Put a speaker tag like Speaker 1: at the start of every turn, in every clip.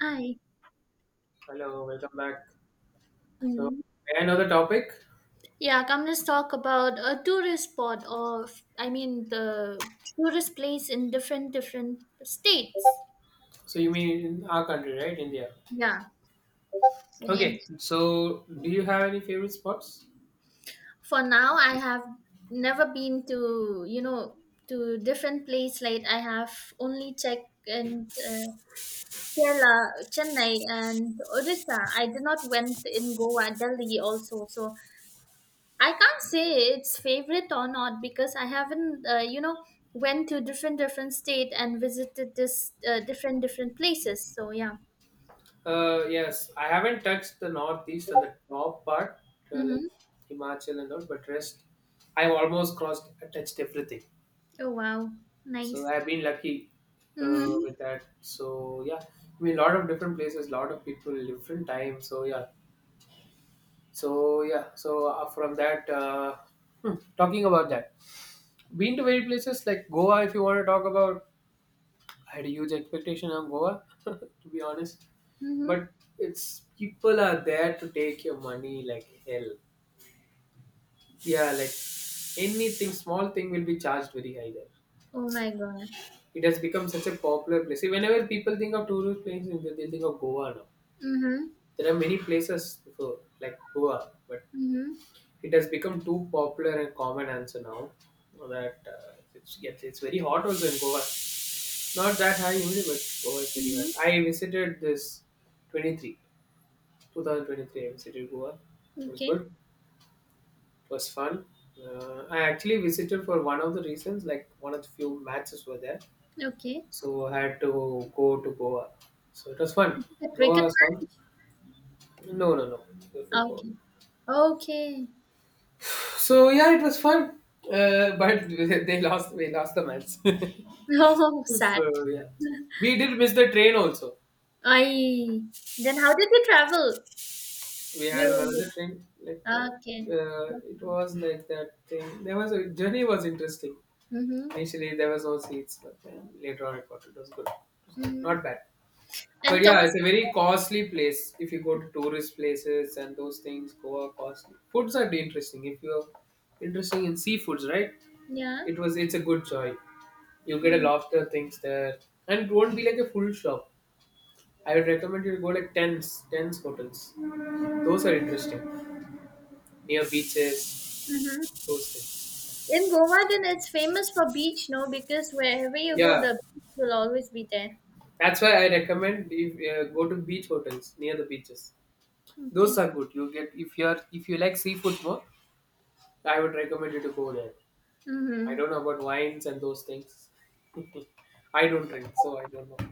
Speaker 1: Hi.
Speaker 2: Hello, welcome back. So,
Speaker 1: Mm.
Speaker 2: may I know the topic?
Speaker 1: Yeah, come let's talk about a tourist spot or I mean the tourist place in different different states.
Speaker 2: So, you mean in our country, right? India.
Speaker 1: Yeah. In
Speaker 2: Okay, so do you have any favorite spots?
Speaker 1: For now I have never been to different place like I have only checked and Kerala, Chennai and Odisha. I did not went in Goa, Delhi also. So I can't say it's favorite or not because I haven't, went to different different state and visited this different different places. So yeah.
Speaker 2: Yes, I haven't touched the northeast and the top part, like
Speaker 1: Mm-hmm.
Speaker 2: Himachal and all, but rest, I've almost crossed, touched everything.
Speaker 1: Oh wow,
Speaker 2: So,
Speaker 1: nice.
Speaker 2: I've been lucky
Speaker 1: Mm-hmm.
Speaker 2: with that. So, yeah, I mean, a lot of different places, a lot of people, different times. So, yeah, so yeah, so uh, from that, uh, talking about that. Been to many places like Goa. If you want to talk about, I had a huge expectation on Goa, to be honest.
Speaker 1: Mm-hmm.
Speaker 2: But it's people are there to take your money like hell. Yeah, like anything small thing will be charged very high there.
Speaker 1: Oh my god.
Speaker 2: It has become such a popular place. See, whenever people think of tourist places, they think of Goa now.
Speaker 1: Mm-hmm.
Speaker 2: There are many places before like Goa, but
Speaker 1: Mm-hmm.
Speaker 2: it has become too popular and common answer now that it's, yes, it's very hot also in Goa. Not that high only, but Goa is very
Speaker 1: Mm-hmm.
Speaker 2: hot. I visited this 23, 2023. I visited Goa. It was
Speaker 1: Okay.
Speaker 2: good. It was fun. I actually visited for one of the reasons, like one of the few matches were there,
Speaker 1: Okay.
Speaker 2: so I had to go to Goa. So it was fun.
Speaker 1: The
Speaker 2: Goa
Speaker 1: cricket
Speaker 2: was fun. No, no, no, the
Speaker 1: match?
Speaker 2: football.
Speaker 1: Okay. Okay.
Speaker 2: So yeah, it was fun. But they lost. We lost the match.
Speaker 1: Oh, sad.
Speaker 2: So yeah, we did miss the train also.
Speaker 1: I. Then how did you travel?
Speaker 2: We had
Speaker 1: You.
Speaker 2: another thing like that.
Speaker 1: Okay.
Speaker 2: Uh, it
Speaker 1: Okay.
Speaker 2: was like that thing. There was a journey was interesting.
Speaker 1: Mm-hmm.
Speaker 2: Initially, there was no seats, but then later on, I got it was good.
Speaker 1: Mm-hmm.
Speaker 2: Not bad. But
Speaker 1: And
Speaker 2: yeah,
Speaker 1: those.
Speaker 2: it's a very costly place. If you go to tourist places and those things, Goa costly. Foods are interesting. If you're interesting in seafoods, right?
Speaker 1: Yeah.
Speaker 2: It was. It's a good joy. You get a
Speaker 1: Mm,
Speaker 2: lot of things there, and it won't be like a full shop. I would recommend you to go like tents, tents hotels. Those are interesting near beaches,
Speaker 1: mhm.
Speaker 2: those things.
Speaker 1: In Goa, then it's famous for beach, no? Because wherever you go,
Speaker 2: Yeah,
Speaker 1: the beach will always be there.
Speaker 2: that's why I recommend if go to beach hotels near the beaches. Those
Speaker 1: Okay.
Speaker 2: are good. You get if you're if you like seafood more, I would recommend you to go there. I
Speaker 1: Mm-hmm.
Speaker 2: don't know about wines and those things. I don't drink, so I don't know.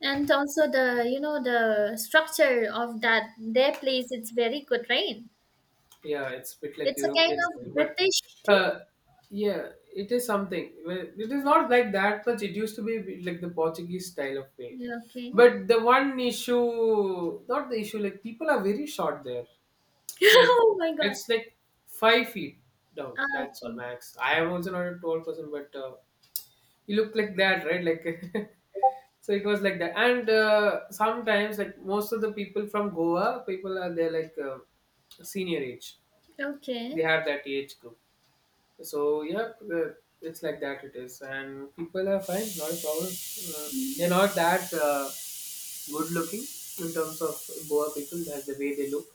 Speaker 1: And also the structure of that their place, it's very good, right?
Speaker 2: Yeah, it's a bit like
Speaker 1: It's a kind
Speaker 2: European
Speaker 1: of
Speaker 2: style, but
Speaker 1: British thing.
Speaker 2: uh, yeah, it is something. Well, it is
Speaker 1: Okay.
Speaker 2: not like that much. It used to be a bit like the Portuguese style of paint.
Speaker 1: Yeah, okay.
Speaker 2: But the one issue, not the issue, like people are very short there. Like
Speaker 1: Oh my God.
Speaker 2: it's like 5 feet down.
Speaker 1: Ah,
Speaker 2: That's all
Speaker 1: okay.
Speaker 2: max. I am also not a tall person, but you look like that, right? Like so, it was like that. And sometimes, like most of the people from Goa, people are there like senior age. They
Speaker 1: Okay.
Speaker 2: have that age group. So yeah, it's like that. It is, and people are fine. Not a problem. Uh,
Speaker 1: Mm-hmm.
Speaker 2: they're not that uh, good looking in terms of Goa people. That's the way they look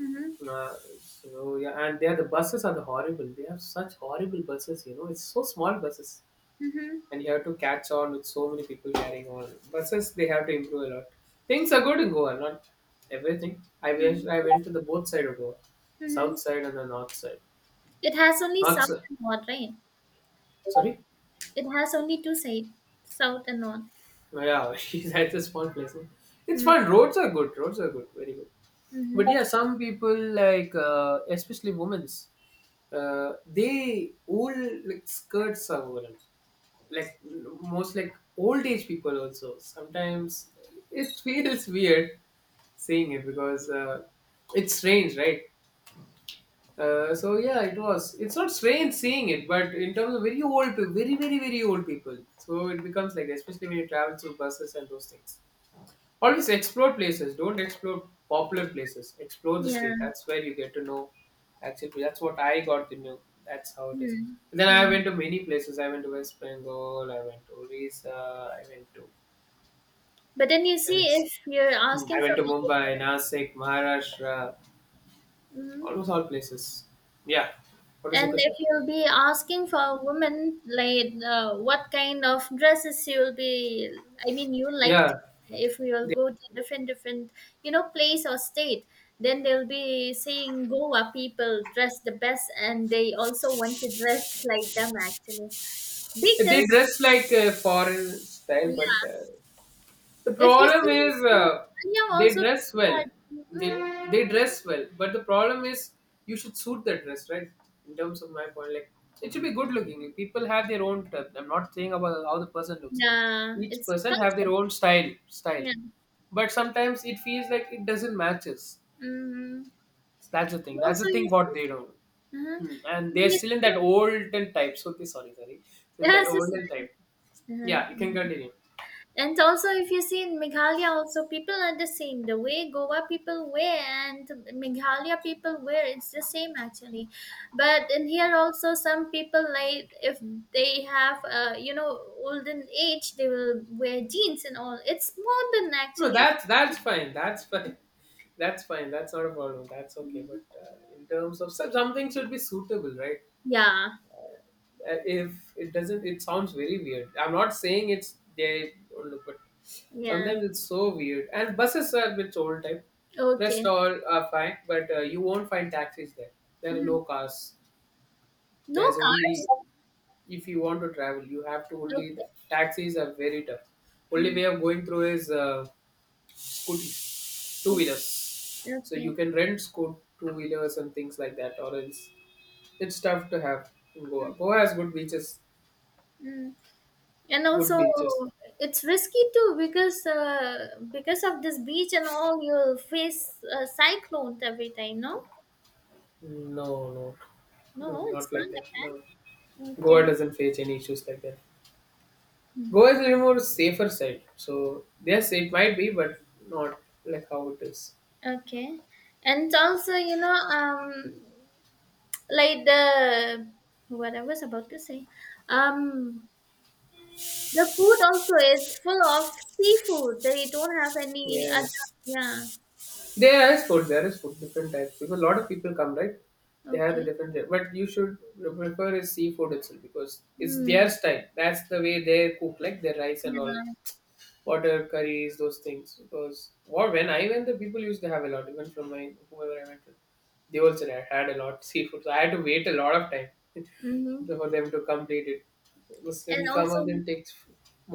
Speaker 1: Mm-hmm.
Speaker 2: uh, so yeah, and there the buses are the horrible. They have such horrible buses, you know. It's so small buses,
Speaker 1: Mm-hmm.
Speaker 2: and you have to catch on with so many people carrying on. Buses they have to improve a lot. Things are good in Goa, not everything. I wish I
Speaker 1: Mm-hmm.
Speaker 2: went to the both side of Goa,
Speaker 1: Mm-hmm.
Speaker 2: south side and the north side.
Speaker 1: It has only
Speaker 2: North
Speaker 1: south
Speaker 2: side,
Speaker 1: and north, right?
Speaker 2: sorry.
Speaker 1: It has only two sides, south and north.
Speaker 2: Oh, yeah, that's a small place, no? It's
Speaker 1: Mm-hmm.
Speaker 2: fun. Roads are good. Roads are good. Very good.
Speaker 1: Mm-hmm.
Speaker 2: But yeah, some people like especially women's, they old like skirts are woven. Like most like old age people also sometimes it feels weird saying it because it's strange, right? So yeah, it was it's not strange seeing it but in terms of very old people, very very very old people, so it becomes like that, especially when you travel through buses and those things. Always explore places. Don't explore popular places. Explore the
Speaker 1: Yeah.
Speaker 2: state. That's where you get to know. Actually, that's what I got to know. That's how it is.
Speaker 1: Hmm,
Speaker 2: And then I
Speaker 1: hmm.
Speaker 2: went to many places. I went to West Bengal. I went to Orissa. I went to
Speaker 1: But then you see,
Speaker 2: Venice.
Speaker 1: if you're
Speaker 2: I
Speaker 1: asking
Speaker 2: went
Speaker 1: from
Speaker 2: to
Speaker 1: a
Speaker 2: Mumbai,
Speaker 1: woman,
Speaker 2: Nasik, Maharashtra.
Speaker 1: mhm,
Speaker 2: Almost all places. Yeah. What is the
Speaker 1: and if
Speaker 2: question?
Speaker 1: you'll be asking for a woman, like what kind of dresses you'll be, I mean, you like
Speaker 2: Yeah.
Speaker 1: to, if we will
Speaker 2: They,
Speaker 1: go to different, different, place or state, then they'll be saying Goa people dress the best, and they also want to dress like them actually,
Speaker 2: they
Speaker 1: because
Speaker 2: dress like foreign style, but
Speaker 1: yeah,
Speaker 2: uh, The
Speaker 1: if you
Speaker 2: problem
Speaker 1: see,
Speaker 2: is uh,
Speaker 1: yeah,
Speaker 2: they
Speaker 1: also
Speaker 2: dress
Speaker 1: people
Speaker 2: well.
Speaker 1: are,
Speaker 2: They
Speaker 1: mhm,
Speaker 2: they dress well, but the problem is you should suit the dress, right? In terms of my point, like it should be good looking. People have their own type. I'm not saying about how the person looks.
Speaker 1: yeah,
Speaker 2: Each
Speaker 1: it's
Speaker 2: person have their
Speaker 1: culture,
Speaker 2: own style,
Speaker 1: yeah.
Speaker 2: but sometimes it feels like it doesn't matches.
Speaker 1: Mhm.
Speaker 2: That's the thing. That's the
Speaker 1: Also, you
Speaker 2: thing.
Speaker 1: see,
Speaker 2: What they don't.
Speaker 1: uh-huh.
Speaker 2: Hmm. And they're
Speaker 1: you
Speaker 2: still in
Speaker 1: see-
Speaker 2: that olden type. So they sorry. In that
Speaker 1: Yes, yes,
Speaker 2: olden type.
Speaker 1: yes,
Speaker 2: Yeah, you can
Speaker 1: uh-huh.
Speaker 2: continue.
Speaker 1: And also, if you see in Meghalaya, also people are the same. The way Goa people wear and Meghalaya people wear, it's the same actually. But in here also, some people like if they have, olden age, they will wear jeans and all. It's modern
Speaker 2: No,
Speaker 1: actually.
Speaker 2: that's fine. That's fine. That's fine. That's not a problem. That's okay. But
Speaker 1: Mhm.
Speaker 2: in terms of some something should be suitable, right?
Speaker 1: Yeah,
Speaker 2: If it doesn't, it sounds very weird. I'm not saying it's they don't look, but
Speaker 1: yeah.
Speaker 2: sometimes it's so weird. And buses are a bit old type. Rest
Speaker 1: Okay.
Speaker 2: all are fine, but you won't find taxis there. There are
Speaker 1: Mhm.
Speaker 2: no cars.
Speaker 1: No
Speaker 2: There's
Speaker 1: cars.
Speaker 2: only if you want to travel, you have to only. The
Speaker 1: Okay.
Speaker 2: taxis are very tough. Only
Speaker 1: Mhm.
Speaker 2: way of going through is scooters, two wheelers. So you
Speaker 1: Okay.
Speaker 2: can rent scoot two wheelers and things like that, or else it's tough to have in Goa. Goa has good beaches,
Speaker 1: Mm. And
Speaker 2: good
Speaker 1: also,
Speaker 2: beaches.
Speaker 1: it's risky too because of this beach and all, you'll face cyclones every time. No,
Speaker 2: No, no, no,
Speaker 1: no, it's
Speaker 2: not like
Speaker 1: not
Speaker 2: that.
Speaker 1: like
Speaker 2: No,
Speaker 1: that.
Speaker 2: Goa
Speaker 1: Okay,
Speaker 2: doesn't face any issues like that. Goa is
Speaker 1: mm,
Speaker 2: a little more safer side, so yes, it might be, but not like how it is.
Speaker 1: okay, and also, like the what I was about to say, um, the food also is full of seafood. They don't have any other.
Speaker 2: Yes,
Speaker 1: Yeah.
Speaker 2: there is food. There is food, different types. Because a lot of people come, right? They have the
Speaker 1: Okay.
Speaker 2: different, but you should prefer is seafood itself because it's their
Speaker 1: Mm.
Speaker 2: style. That's the way they cook, like their rice and all.
Speaker 1: Yeah.
Speaker 2: Water curries, those things. Because what when I went, the people used to have a lot. Even from my whoever I went to, they also had a lot seafood. So I had to wait a lot of time
Speaker 1: Mm-hmm.
Speaker 2: for them to complete it. Because
Speaker 1: And
Speaker 2: some of
Speaker 1: also.
Speaker 2: them takes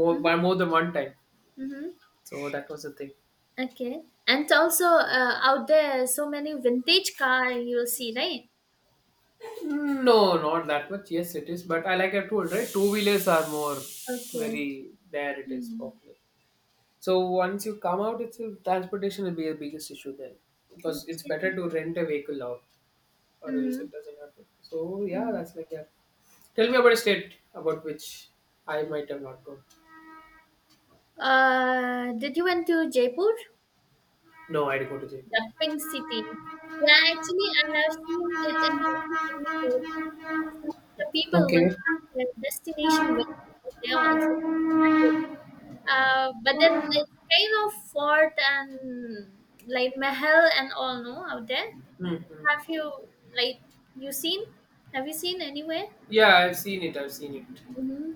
Speaker 2: more
Speaker 1: Mhm.
Speaker 2: by more than one time.
Speaker 1: Mm-hmm.
Speaker 2: So that was the thing.
Speaker 1: Okay. And also out there, so many vintage car you'll see, right?
Speaker 2: No, not that much. Yes, it is. But I like I told right, two wheelers are more
Speaker 1: Okay.
Speaker 2: very there. It is
Speaker 1: Mm.
Speaker 2: popular. So once you come out, it's transportation will be the biggest issue there because it's
Speaker 1: Okay.
Speaker 2: better to rent a vehicle out or else
Speaker 1: Mm-hmm.
Speaker 2: it doesn't happen. So yeah,
Speaker 1: Mm-hmm.
Speaker 2: that's like that. Tell me about a state about which I might have not gone.
Speaker 1: Did you went to Jaipur?
Speaker 2: No, I'd go to Jaipur.
Speaker 1: The Pink City. Yeah, actually, I have seen that in many places. Some of the people will
Speaker 2: Okay.
Speaker 1: have their destination with there also. But then it's kind of fort and like Mahal and all, no, out there.
Speaker 2: Hmm.
Speaker 1: Have you like you seen? Have you seen anywhere?
Speaker 2: Yeah, I've seen it. I've seen it.
Speaker 1: Hmm.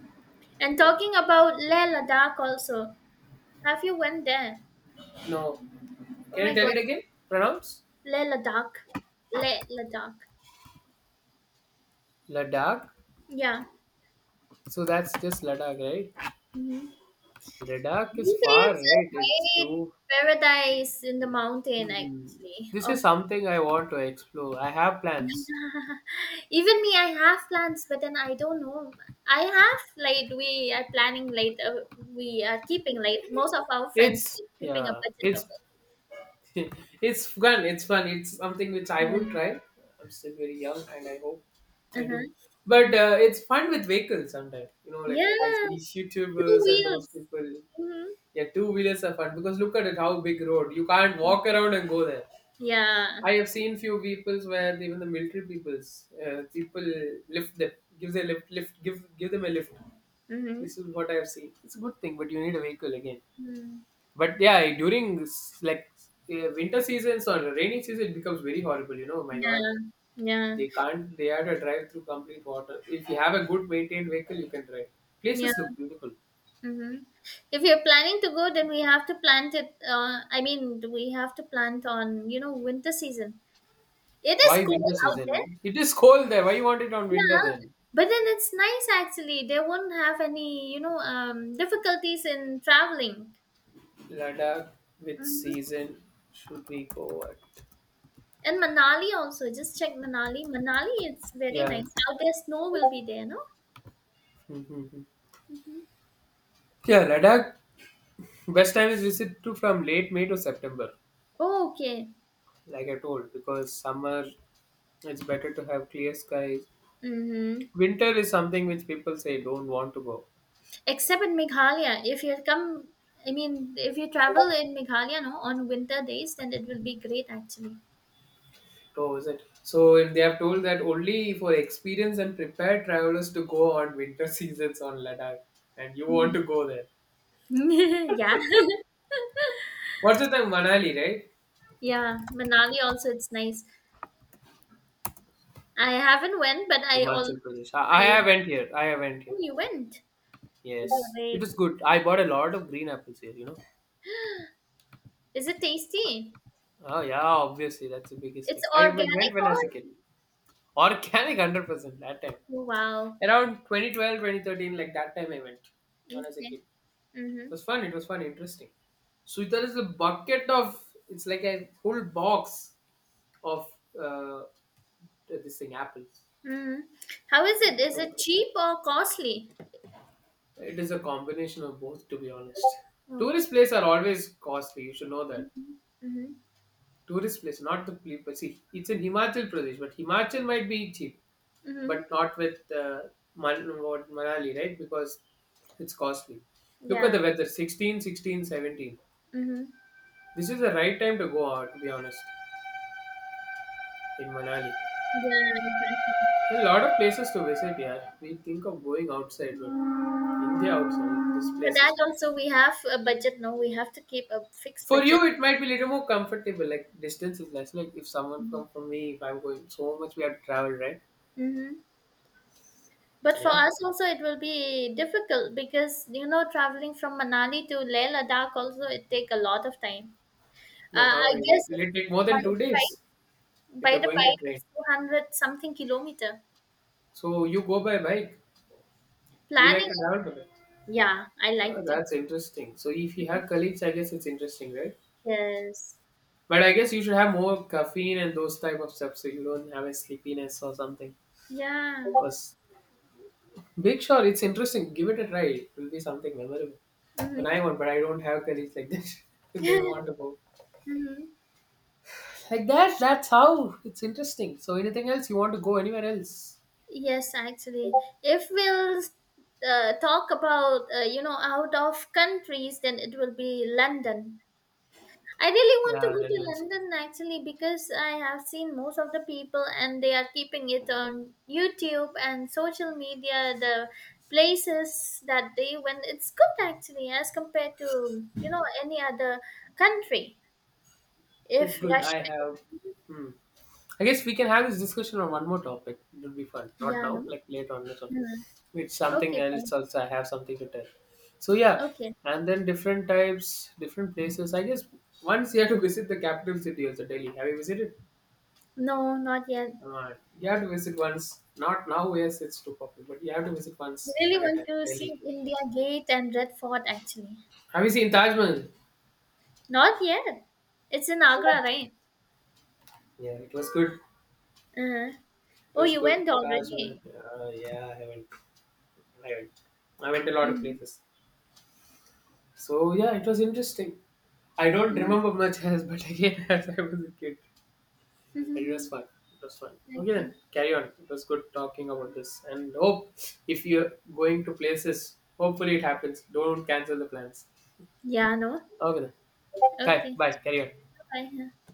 Speaker 1: And talking about Leh Ladakh also. Have you went there?
Speaker 2: No,
Speaker 1: Oh
Speaker 2: can
Speaker 1: my
Speaker 2: you tell
Speaker 1: god,
Speaker 2: it again? Pronounce
Speaker 1: Leh Ladakh. Leh Ladakh.
Speaker 2: Ladakh.
Speaker 1: Yeah.
Speaker 2: So that's just Ladakh, right?
Speaker 1: Hmm.
Speaker 2: Ladakh
Speaker 1: They
Speaker 2: is
Speaker 1: say
Speaker 2: far,
Speaker 1: it's a
Speaker 2: right? It's
Speaker 1: great
Speaker 2: too.
Speaker 1: paradise in the mountain
Speaker 2: Hmm.
Speaker 1: actually.
Speaker 2: This is
Speaker 1: Of
Speaker 2: something I want to explore. I have plans.
Speaker 1: Even me, I have plans, but then I don't know. I have like we are planning like we are keeping like most of our friends
Speaker 2: It's
Speaker 1: keeping a
Speaker 2: yeah.
Speaker 1: budget of
Speaker 2: It's
Speaker 1: it.
Speaker 2: it's fun. It's fun. It's something which I would
Speaker 1: Yeah.
Speaker 2: try. I'm still very young, and I hope I do.
Speaker 1: Uh-huh.
Speaker 2: But
Speaker 1: Yeah.
Speaker 2: it's fun with vehicles sometimes. You know, like I see
Speaker 1: Yeah.
Speaker 2: these
Speaker 1: Two
Speaker 2: YouTubers and those
Speaker 1: wheels.
Speaker 2: people.
Speaker 1: Hmm.
Speaker 2: Yeah, two wheelers are fun because look at it, how big road. You can't walk around and go there.
Speaker 1: Yeah.
Speaker 2: I have seen few peoples where even the military peoples, people lift them, give them lift, give them a lift.
Speaker 1: Hmm.
Speaker 2: This is what I have seen. It's a good thing, but you need a vehicle again.
Speaker 1: Mm.
Speaker 2: But yeah, during like winter seasons or rainy season, it becomes very horrible. You know, my God,
Speaker 1: Yeah. Yeah.
Speaker 2: they can't. They have to drive through complete water. If you have a good maintained vehicle, you can drive.
Speaker 1: Yeah.
Speaker 2: Places look beautiful.
Speaker 1: Mm-hmm. If you're planning to go, then we have to plant it. I mean, we have to plant on, winter season. It is
Speaker 2: Why
Speaker 1: cold
Speaker 2: winter
Speaker 1: out there.
Speaker 2: season? It is cold there. Why you want it on winter
Speaker 1: Yeah.
Speaker 2: then?
Speaker 1: But then it's nice actually. They won't have any, difficulties in traveling.
Speaker 2: Ladakh. Which
Speaker 1: Mm-hmm.
Speaker 2: season should we go at?
Speaker 1: And Manali also. Just check Manali. Manali, it's very
Speaker 2: Yeah.
Speaker 1: nice. Out there, snow will be there, no?
Speaker 2: Mhm. Yeah, Ladakh. Best time is visit to from late May to September,
Speaker 1: Oh, okay.
Speaker 2: like I told, because summer it's better to have clear skies.
Speaker 1: Mm-hmm.
Speaker 2: Winter is something which people say don't want to go
Speaker 1: Except in Meghalaya, if you come, I mean, if you travel in Meghalaya, no, on winter days, then it will be great actually.
Speaker 2: to, is it so? If they have told that only for experienced and prepared travelers to go on winter seasons on Ladakh, and you want to go there,
Speaker 1: Yeah,
Speaker 2: what's the thing, Manali, right?
Speaker 1: yeah. Manali also, it's nice. I haven't went, but I all
Speaker 2: Himachal Pradesh, i,
Speaker 1: I
Speaker 2: I haven't here, I haven't
Speaker 1: oh,
Speaker 2: here.
Speaker 1: you went.
Speaker 2: Yes, it
Speaker 1: Great.
Speaker 2: was good. I bought a lot of green apples here, you know.
Speaker 1: Is it tasty?
Speaker 2: Oh yeah, obviously that's the biggest thing.
Speaker 1: It's
Speaker 2: I
Speaker 1: organic
Speaker 2: went when I was a
Speaker 1: or
Speaker 2: kid. Organic 100% that time,
Speaker 1: oh, wow.
Speaker 2: around 2012, 2013, like that time I went when I was a kid.
Speaker 1: Okay. Mm-hmm.
Speaker 2: Was fun. It was fun, interesting. So there is a bucket of, it's like a whole box of uh, this thing apples.
Speaker 1: Mm-hmm. How is
Speaker 2: It
Speaker 1: it?
Speaker 2: is
Speaker 1: Is
Speaker 2: so fun.
Speaker 1: it cheap or costly?
Speaker 2: It is a combination of both, to be honest.
Speaker 1: Okay.
Speaker 2: Tourist places are always costly. You should know that.
Speaker 1: Mm-hmm. Mm-hmm.
Speaker 2: Tourist place, not the people. See, it's in Himachal Pradesh, but Himachal might be cheap,
Speaker 1: Mm-hmm.
Speaker 2: but not with what, Manali, right? Because it's costly. Look at
Speaker 1: Yeah.
Speaker 2: the weather. 16, 16, 17.
Speaker 1: Mm-hmm.
Speaker 2: This is the right time to go out, to be honest, in Manali.
Speaker 1: Yeah, exactly.
Speaker 2: There are a lot of places to visit, yeah. We think of going outside, but India outside, these
Speaker 1: For
Speaker 2: places.
Speaker 1: that also we have a budget. No, we have to keep a fixed
Speaker 2: For
Speaker 1: budget.
Speaker 2: you, it might be a little more comfortable, like distance is less. Like if someone come from me, if I'm going so much, we have to travel, right?
Speaker 1: Mm-hmm. But for
Speaker 2: Yeah.
Speaker 1: us also it will be difficult because you know traveling from Manali to Leh Ladakh also it take a lot of time.
Speaker 2: Like how
Speaker 1: I
Speaker 2: many? Like
Speaker 1: guess
Speaker 2: will it take more
Speaker 1: by
Speaker 2: than two
Speaker 1: the bike,
Speaker 2: days if
Speaker 1: by
Speaker 2: you're
Speaker 1: the
Speaker 2: going to
Speaker 1: bike
Speaker 2: train?
Speaker 1: it's 200 something kilometer.
Speaker 2: So you go by bike. Do you like
Speaker 1: Planning.
Speaker 2: to travel by bike?
Speaker 1: Yeah, I like to.
Speaker 2: That's interesting. So if you have colleagues, I guess it's interesting, right?
Speaker 1: Yes.
Speaker 2: But I guess you should have more caffeine and those type of stuff, so you don't have a sleepiness or something.
Speaker 1: Yeah.
Speaker 2: Because Big Shot, it's interesting. Give it a try. It will be something memorable. When
Speaker 1: Mm-hmm.
Speaker 2: I want, but I don't have colleagues like that. They want to
Speaker 1: Mm-hmm.
Speaker 2: go like that. That's how it's interesting. So anything else you want to go anywhere else?
Speaker 1: Yes, actually, if we'll talk about out of countries, then it will be London. I really want to
Speaker 2: Yeah,
Speaker 1: go to
Speaker 2: London.
Speaker 1: London actually because I have seen most of the people and they are keeping it on YouTube and social media. The places that they went, it's good actually as compared to any other country.
Speaker 2: It's
Speaker 1: If
Speaker 2: good. I
Speaker 1: Russia,
Speaker 2: have. Hmm. I guess we can have this discussion on one more topic. It will be fun. Not
Speaker 1: yeah,
Speaker 2: now,
Speaker 1: no,
Speaker 2: like later on. Later on.
Speaker 1: hmm,
Speaker 2: It's something
Speaker 1: okay,
Speaker 2: else.
Speaker 1: fine,
Speaker 2: Also, I have something to tell. So yeah,
Speaker 1: okay,
Speaker 2: and then different types, different places. I guess once you have to visit the capital city also, Delhi. Have you visited?
Speaker 1: no, not yet.
Speaker 2: Alright. You have to visit once. Not now, yes, it's too popular, but you have to visit
Speaker 1: I
Speaker 2: once
Speaker 1: really
Speaker 2: at a time.
Speaker 1: want to see
Speaker 2: Delhi.
Speaker 1: India Gate and Red Fort actually.
Speaker 2: Have you seen Taj Mahal?
Speaker 1: Not yet. It's in Agra, right?
Speaker 2: Yeah, it was good.
Speaker 1: Uh-huh.
Speaker 2: It
Speaker 1: Oh,
Speaker 2: was
Speaker 1: you
Speaker 2: good.
Speaker 1: went
Speaker 2: Taj Mahal.
Speaker 1: already.
Speaker 2: Yeah, I went. I went. I went a lot of
Speaker 1: Mm-hmm.
Speaker 2: places. So yeah, it was interesting. I don't remember much as, but again, as I was a kid, it was
Speaker 1: Mm-hmm.
Speaker 2: fun. It was fun. Okay,
Speaker 1: Okay.
Speaker 2: then carry on. It was good talking about this, and hope if you're going to places, hopefully it happens. Don't cancel the plans.
Speaker 1: Yeah, no?
Speaker 2: Okay, then. Okay,
Speaker 1: Okay.
Speaker 2: bye. Carry on.
Speaker 1: Bye.